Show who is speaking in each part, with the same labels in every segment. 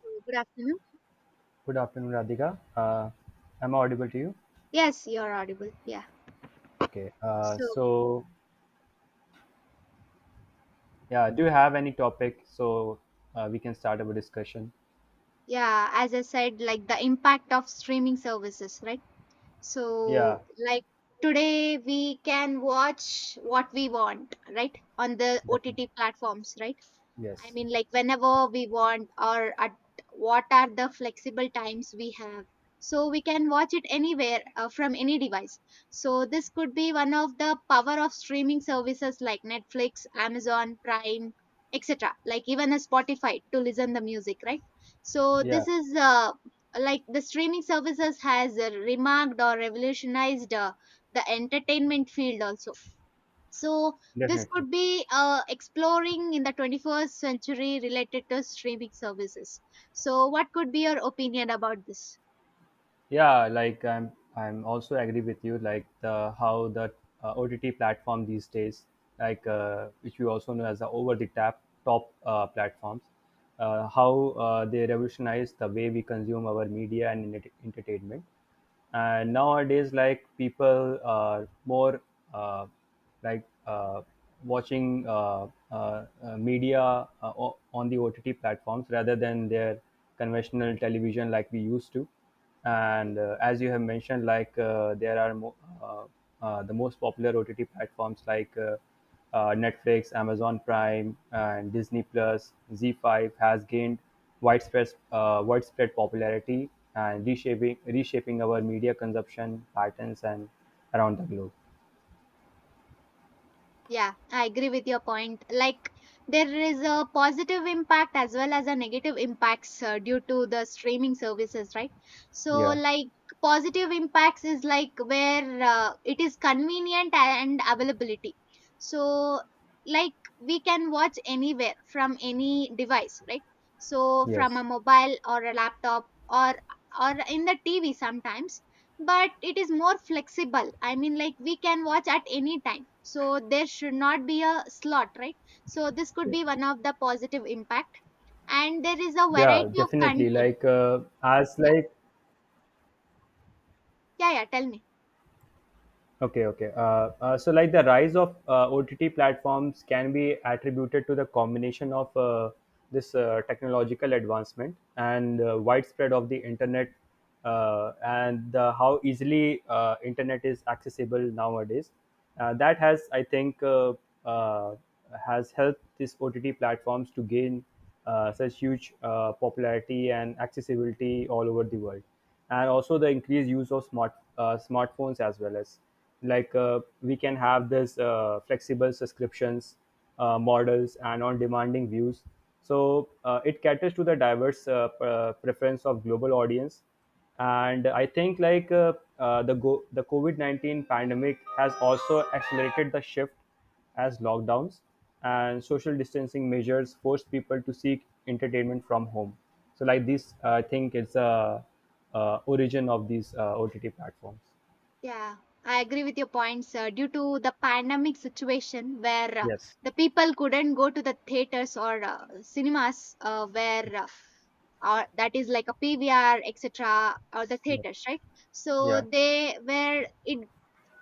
Speaker 1: Good afternoon.
Speaker 2: Good afternoon, Radhika. Am I audible to you?
Speaker 1: Yes, you're audible. Yeah.
Speaker 2: Okay.
Speaker 1: So,
Speaker 2: Yeah, do you have any topic so we can start our discussion?
Speaker 1: yeah, as I said, like the impact of streaming services, right?
Speaker 2: Yeah,
Speaker 1: So, like today we can watch what we want, right? On the
Speaker 2: definitely.
Speaker 1: OTT platforms, right? I
Speaker 2: Yes.
Speaker 1: mean, like whenever we want or at what are the flexible times we have. So we can watch it anywhere from any device. So this could be one of the power of streaming services like Netflix, Amazon Prime, etc. Like even a Spotify to listen the music, right? So
Speaker 2: Yeah,
Speaker 1: this is like the streaming services has remarked or revolutionized the entertainment field also, so this
Speaker 2: definitely.
Speaker 1: could be exploring in the 21st century related to streaming services. So what could be your opinion about this?
Speaker 2: Yeah, like I'm also agree with you. Like the how the OTT platform these days, like which we also know as the over the top platforms, how they revolutionize the way we consume our media and entertainment, and nowadays like people are more uh, like uh, watching media on the ott platforms rather than their conventional television like we used to. And as you have mentioned, like there are uh, the most popular ott platforms, like Netflix, Amazon Prime, and Disney Plus, Z5 has gained widespread popularity and reshaping our media consumption patterns and around the globe.
Speaker 1: Yeah, I agree with your point. Like there is a positive impact as well as a negative impacts due to the streaming services, right? So
Speaker 2: Yeah.
Speaker 1: like positive impacts is like where it is convenient and availability. So like we can watch anywhere from any device, right? So from a
Speaker 2: Yes.
Speaker 1: mobile or a laptop or in the TV sometimes, but it is more flexible. I mean, like we can watch at any time, so there should not be a slot, right? So this could
Speaker 2: Yes.
Speaker 1: be one of the positive impact, and there is a
Speaker 2: Yeah.
Speaker 1: variety of
Speaker 2: Definitely.
Speaker 1: content.
Speaker 2: Like as
Speaker 1: Yeah,
Speaker 2: like.
Speaker 1: yeah, yeah, tell me.
Speaker 2: Okay, okay. So, like the rise of OTT platforms can be attributed to the combination of this technological advancement and widespread of the internet, and the, how easily internet is accessible nowadays. That has, I think, uh, has helped these OTT platforms to gain such huge popularity and accessibility all over the world, and also the increased use of smartphones, as well as, like we can have this flexible subscriptions models and on demanding views. So it caters to the diverse preference of global audience. And I think, like the COVID-19 pandemic has also accelerated the shift, as lockdowns and social distancing measures forced people to seek entertainment from home. So, like this, I think it's a origin of these ott platforms.
Speaker 1: Yeah, I agree with your points, due to the pandemic situation, where
Speaker 2: Yes.
Speaker 1: the people couldn't go to the theaters or cinemas, where or that is like a PVR, etc., or the
Speaker 2: Yes.
Speaker 1: theaters, right? So
Speaker 2: Yeah.
Speaker 1: they were it,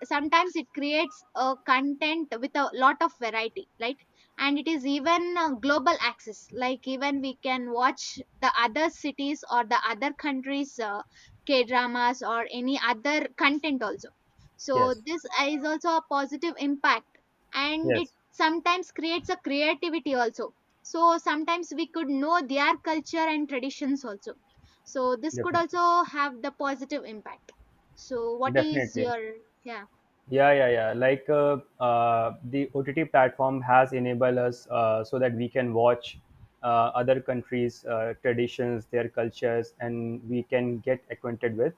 Speaker 1: sometimes it creates a content with a lot of variety, right? And it is even global access. Like even we can watch the other cities or the other countries, K dramas or any other content also. So
Speaker 2: Yes.
Speaker 1: this is also a positive impact, and it
Speaker 2: Yes.
Speaker 1: sometimes creates a creativity also. So sometimes we could know their culture and traditions also, so this could
Speaker 2: Definitely.
Speaker 1: also have the positive impact. So what is
Speaker 2: Definitely.
Speaker 1: your, yeah.
Speaker 2: Yeah, yeah, yeah. Like the OTT platform has enabled us, so that we can watch other countries' traditions, their cultures, and we can get acquainted with.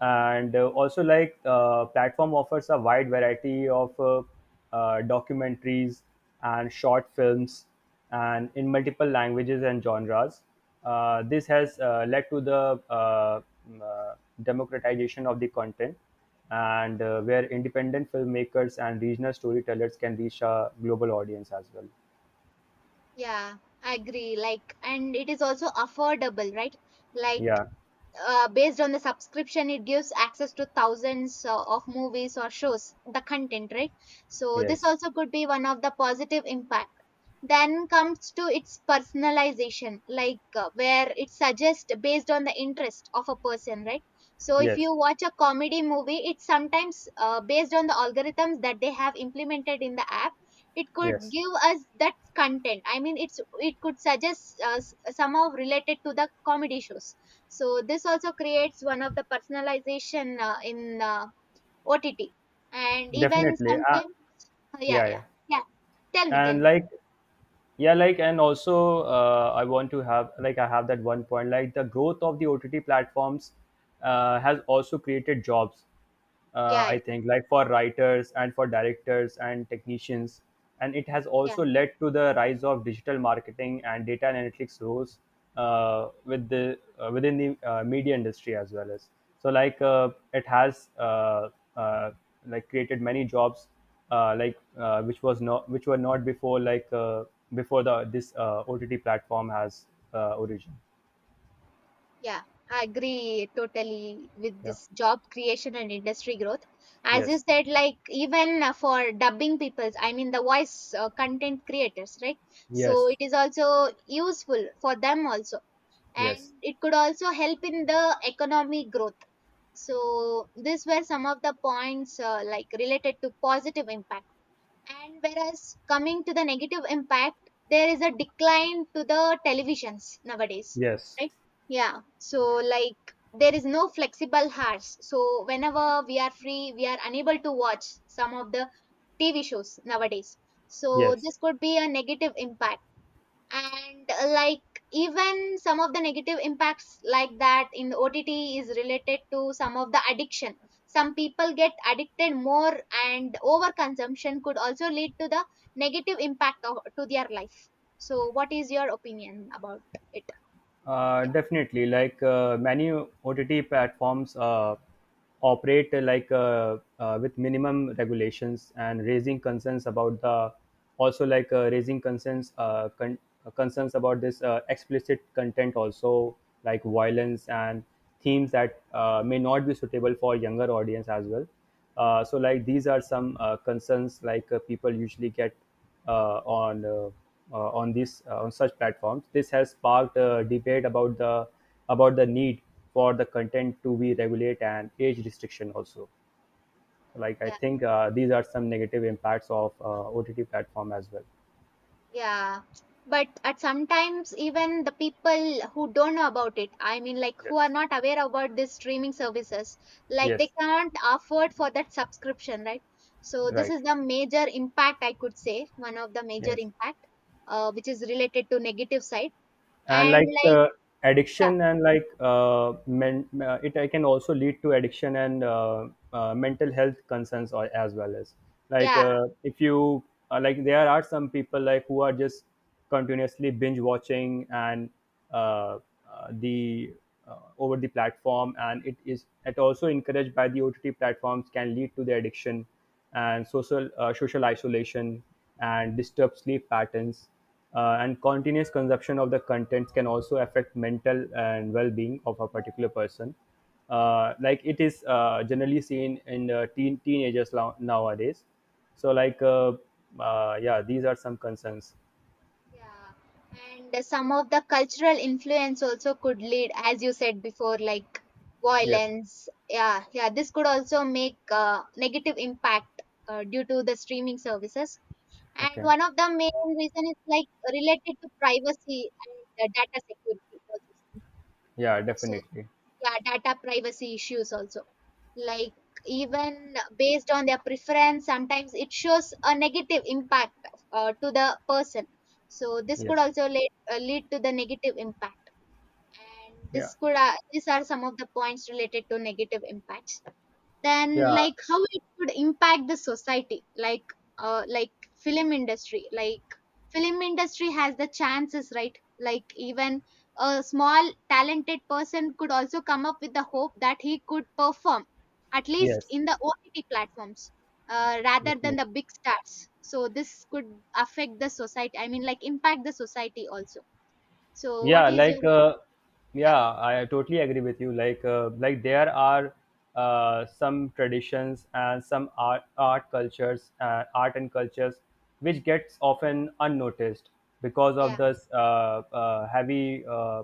Speaker 2: And also, like platform offers a wide variety of documentaries and short films, and in multiple languages and genres. This has led to the mm, uh, democratization of the content, and where independent filmmakers and regional storytellers can reach a global audience as well.
Speaker 1: Yeah, I agree. Like, and it is also affordable, right? Like,
Speaker 2: Yeah.
Speaker 1: based on the subscription, it gives access to thousands of movies or shows, the content, right? So this
Speaker 2: Yes.
Speaker 1: also could be one of the positive impact. Then comes to its personalization, like where it suggests based on the interest of a person, right? So if
Speaker 2: Yes.
Speaker 1: you watch a comedy movie, it's sometimes based on the algorithms that they have implemented in the app, it could
Speaker 2: Yes.
Speaker 1: give us that content. I mean, it's, it could suggest somehow related to the comedy shows. So this also creates one of the personalization in OTT, and even
Speaker 2: Definitely.
Speaker 1: sometimes, yeah,
Speaker 2: Yeah. Yeah.
Speaker 1: yeah, yeah, tell me, tell
Speaker 2: And
Speaker 1: me.
Speaker 2: like, yeah, like, and also I want to have, like, I have that one point, like the growth of the ott platforms has also created jobs,
Speaker 1: Yeah,
Speaker 2: I
Speaker 1: yeah,
Speaker 2: think, like, for writers and for directors and technicians. And it has
Speaker 1: yeah
Speaker 2: also led to the rise of digital marketing and data and analytics roles, within the media industry as well. As so like it has uh, like created many jobs, like which were not before, like before the this OTT platform has origin.
Speaker 1: yeah, I agree totally with
Speaker 2: Yeah.
Speaker 1: this job creation and industry growth. As you
Speaker 2: Yes.
Speaker 1: said, like even for dubbing peoples, I mean the voice content creators, right? So
Speaker 2: Yes.
Speaker 1: it is also useful for them also, and
Speaker 2: Yes.
Speaker 1: it could also help in the economic growth. So these were some of the points like related to positive impact. And whereas coming to the negative impact, there is a decline to the televisions nowadays,
Speaker 2: Yes.
Speaker 1: right? Yeah. So like there is no flexible hours. So whenever we are free, we are unable to watch some of the TV shows nowadays. So
Speaker 2: Yes.
Speaker 1: this could be a negative impact, and like even some of the negative impacts, like that in the OTT is related to some of the addiction. Some people get addicted more, and overconsumption could also lead to the negative impact of, to their life. So what is your opinion about it? Yeah,
Speaker 2: Definitely, like many OTT platforms operate, like with minimum regulations and raising concerns about the, also like concerns about this explicit content also, like violence and themes that may not be suitable for younger audience as well. So like these are some concerns, like people usually get uh, on uh, on such platforms. This has sparked a debate about the need for the content to be regulate, and age restriction also. Like I
Speaker 1: yeah.
Speaker 2: think these are some negative impacts of OTT platform as well.
Speaker 1: Yeah, but at sometimes even the people who don't know about it, I mean, like who are
Speaker 2: Yes.
Speaker 1: not aware about these streaming services, like they
Speaker 2: Yes.
Speaker 1: can't afford for that subscription, right? So this
Speaker 2: Right.
Speaker 1: is the major impact I could say, one of the major
Speaker 2: Yes.
Speaker 1: impact, which is related to negative side.
Speaker 2: And
Speaker 1: And
Speaker 2: like
Speaker 1: like, yeah,
Speaker 2: addiction, and like it can also lead to addiction and mental health concerns, or, as well as, like
Speaker 1: yeah.
Speaker 2: if you like there are some people, like, who are just continuously binge watching and uh, the over the platform, and it also encouraged by the ott platforms can lead to the addiction, and social isolation and disturbed sleep patterns. And continuous consumption of the contents can also affect mental and well-being of a particular person, like it is generally seen in teenagers nowadays. So like yeah, these are some concerns.
Speaker 1: Yeah, and some of the cultural influence also could lead, as you said before, like
Speaker 2: Yes.
Speaker 1: violence. Yeah, yeah, this could also make negative impact due to the streaming services. And
Speaker 2: Okay.
Speaker 1: one of the main reason is like related to privacy and data security also.
Speaker 2: Yeah,
Speaker 1: So
Speaker 2: definitely.
Speaker 1: yeah, data privacy issues also, like even based on their preference sometimes it shows a negative impact to the person. So this could
Speaker 2: Yes.
Speaker 1: also lead, lead to the negative impact, and
Speaker 2: Yeah.
Speaker 1: this could these are some of the points related to negative impacts. Then like
Speaker 2: Yeah.
Speaker 1: how it would impact the society, like film industry, like film industry has the chances, right? Like even a small talented person could also come up with the hope that he could perform at least
Speaker 2: Yes.
Speaker 1: in the OTT platforms, rather than
Speaker 2: Definitely.
Speaker 1: the big stars. So this could affect the society, I mean, like impact the society also. So what
Speaker 2: Yeah.
Speaker 1: is your,
Speaker 2: Like
Speaker 1: yeah,
Speaker 2: yeah, I totally agree with you, like there are some traditions, and some art and cultures which gets often unnoticed, because of
Speaker 1: yeah,
Speaker 2: this heavy uh,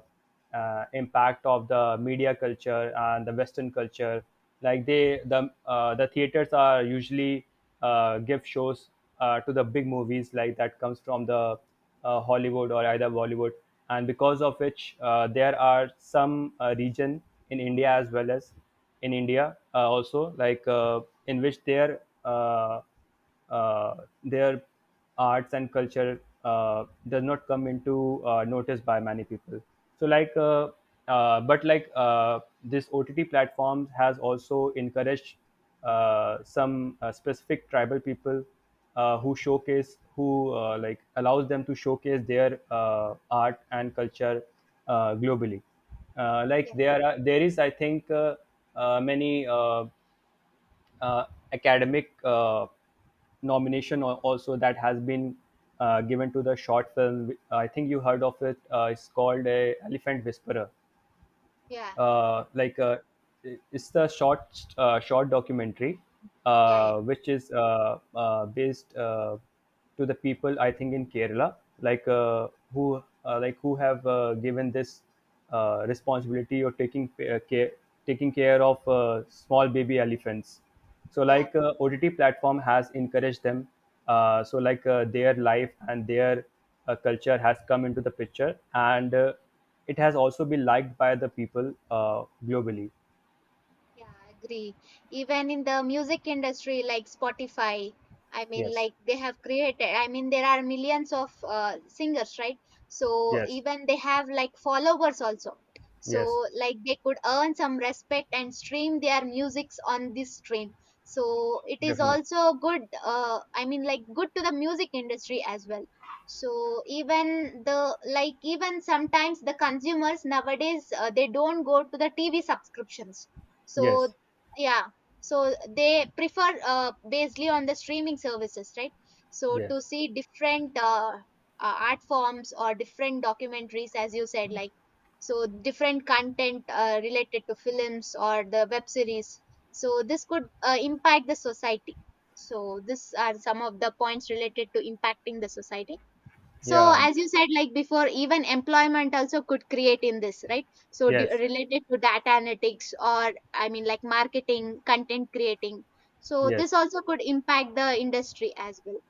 Speaker 2: uh, impact of the media culture and the western culture. Like the theaters are usually give shows to the big movies, like that comes from the Hollywood or either Bollywood. And because of which there are some region in India, as well as in India, also, like in which uh, their arts and culture does not come into notice by many people. So like, but like this ott platforms has also encouraged some specific tribal people, who showcase who like allows them to showcase their art and culture globally. Like
Speaker 1: yeah,
Speaker 2: there is, I think, many uh, academic nomination, also, that has been given to the short film. I think you heard of it. It's called a Elephant Whisperer.
Speaker 1: yeah,
Speaker 2: Like, it's the short documentary
Speaker 1: yeah, yeah,
Speaker 2: which is based to the people, I think, in Kerala, like who like who have given this responsibility, or taking care of small baby elephants. So
Speaker 1: yeah.
Speaker 2: like OTT platform has encouraged them. So like their life and their culture has come into the picture, and it has also been liked by the people, globally.
Speaker 1: Yeah, I agree. Even in the music industry, like Spotify, I mean,
Speaker 2: Yes.
Speaker 1: like they have created, I mean, there are millions of singers, right? So
Speaker 2: Yes.
Speaker 1: even they have like followers also.
Speaker 2: Yes.
Speaker 1: So, like, they could earn some respect and stream their musics on this stream. So, it is
Speaker 2: Definitely.
Speaker 1: also good, I mean, like, good to the music industry as well. So, even the, like, even sometimes the consumers nowadays, they don't go to the TV subscriptions, so
Speaker 2: Yes.
Speaker 1: yeah, so they prefer basically on the streaming services, right? So to
Speaker 2: Yes.
Speaker 1: see different art forms or different documentaries, as you said, like so different content related to films or the web series. So this could impact the society. So these are some of the points related to impacting the society. So
Speaker 2: Yeah.
Speaker 1: as you said, like before, even employment also could create in this, right? So do,
Speaker 2: Yes. Yes.
Speaker 1: related to data analytics, or I mean, like marketing, content creating. So
Speaker 2: Yes.
Speaker 1: this also could impact the industry as well.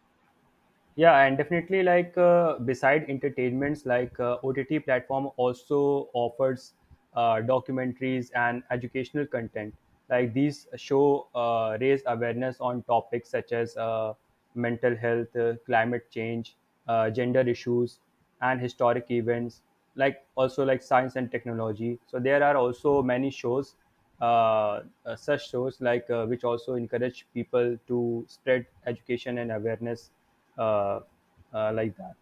Speaker 2: Yeah, and definitely, like beside entertainments, like OTT platform also offers documentaries and educational content. Like these show raise awareness on topics such as mental health, climate change, gender issues, and historic events. Like also, like science and technology. So there are also many shows, such shows, like which also encourage people to spread education and awareness, uh, like that.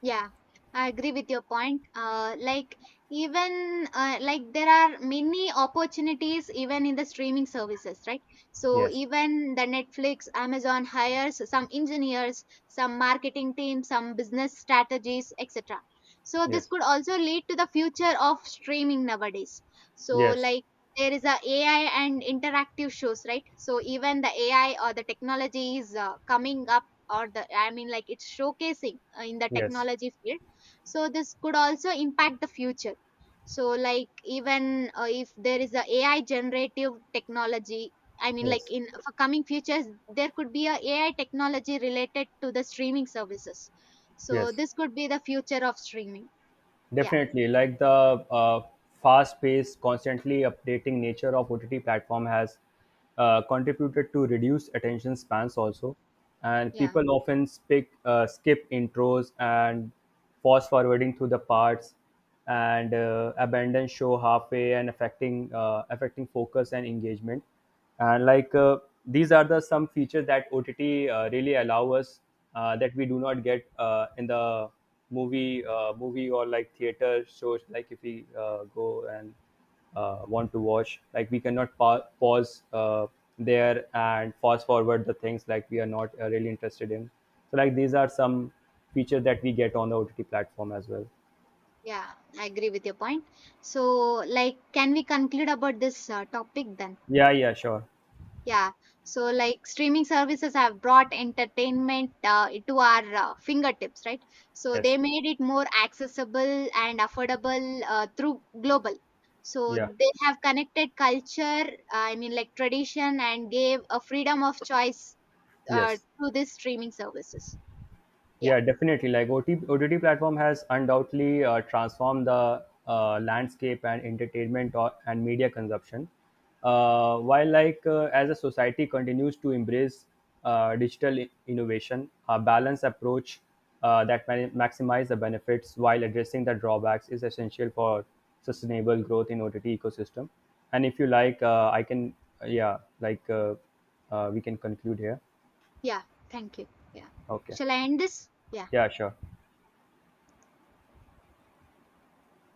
Speaker 1: Yeah, I agree with your point. Like even like there are many opportunities even in the streaming services, right? So
Speaker 2: Yes.
Speaker 1: even the Netflix, Amazon hires some engineers, some marketing teams, some business strategies, etc. So this
Speaker 2: Yes.
Speaker 1: could also lead to the future of streaming nowadays. So
Speaker 2: Yes.
Speaker 1: like there is a AI and interactive shows, right? So even the AI or the technology is coming up, or the, I mean, like it's showcasing in the
Speaker 2: Yes.
Speaker 1: technology field. So this could also impact the future. So like even if there is a AI generative technology, I mean, like
Speaker 2: Yes.
Speaker 1: in for coming futures, there could be a AI technology related to the streaming services. So
Speaker 2: Yes.
Speaker 1: this could be the future of streaming. Yeah,
Speaker 2: Definitely, like the fast-paced, constantly updating nature of OTT platform has contributed to reduced attention spans also, and
Speaker 1: yeah,
Speaker 2: people often skip intros and fast-forwarding through the parts, and abandon show halfway, and affecting focus and engagement. And like these are the some features that ott really allow us, that we do not get in the movie or like theater shows, like if we go and want to watch, like we cannot pause there, and fast forward the things, like we are not really interested in. So like these are some features that we get on the ott platform as well.
Speaker 1: yeah, I agree with your point. So like can we conclude about this topic then?
Speaker 2: Yeah. Yeah, sure.
Speaker 1: Yeah, so like streaming services have brought entertainment to our fingertips, right? So they
Speaker 2: Yes.
Speaker 1: made it more accessible and affordable through global. So
Speaker 2: Yeah.
Speaker 1: they have connected culture, I mean, like tradition, and gave a freedom of choice
Speaker 2: Yes.
Speaker 1: to these streaming services. Yeah,
Speaker 2: Yeah, definitely. Like OT, platform has undoubtedly transformed the landscape and entertainment or, and media consumption. While, like as a society continues to embrace digital innovation, a balanced approach that maximize the benefits while addressing the drawbacks is essential for sustainable growth in OTT ecosystem. And if you like, I can, yeah, like uh, we can conclude here.
Speaker 1: yeah, thank you. Yeah.
Speaker 2: Okay.
Speaker 1: Shall I end this? Yeah.
Speaker 2: Yeah, sure.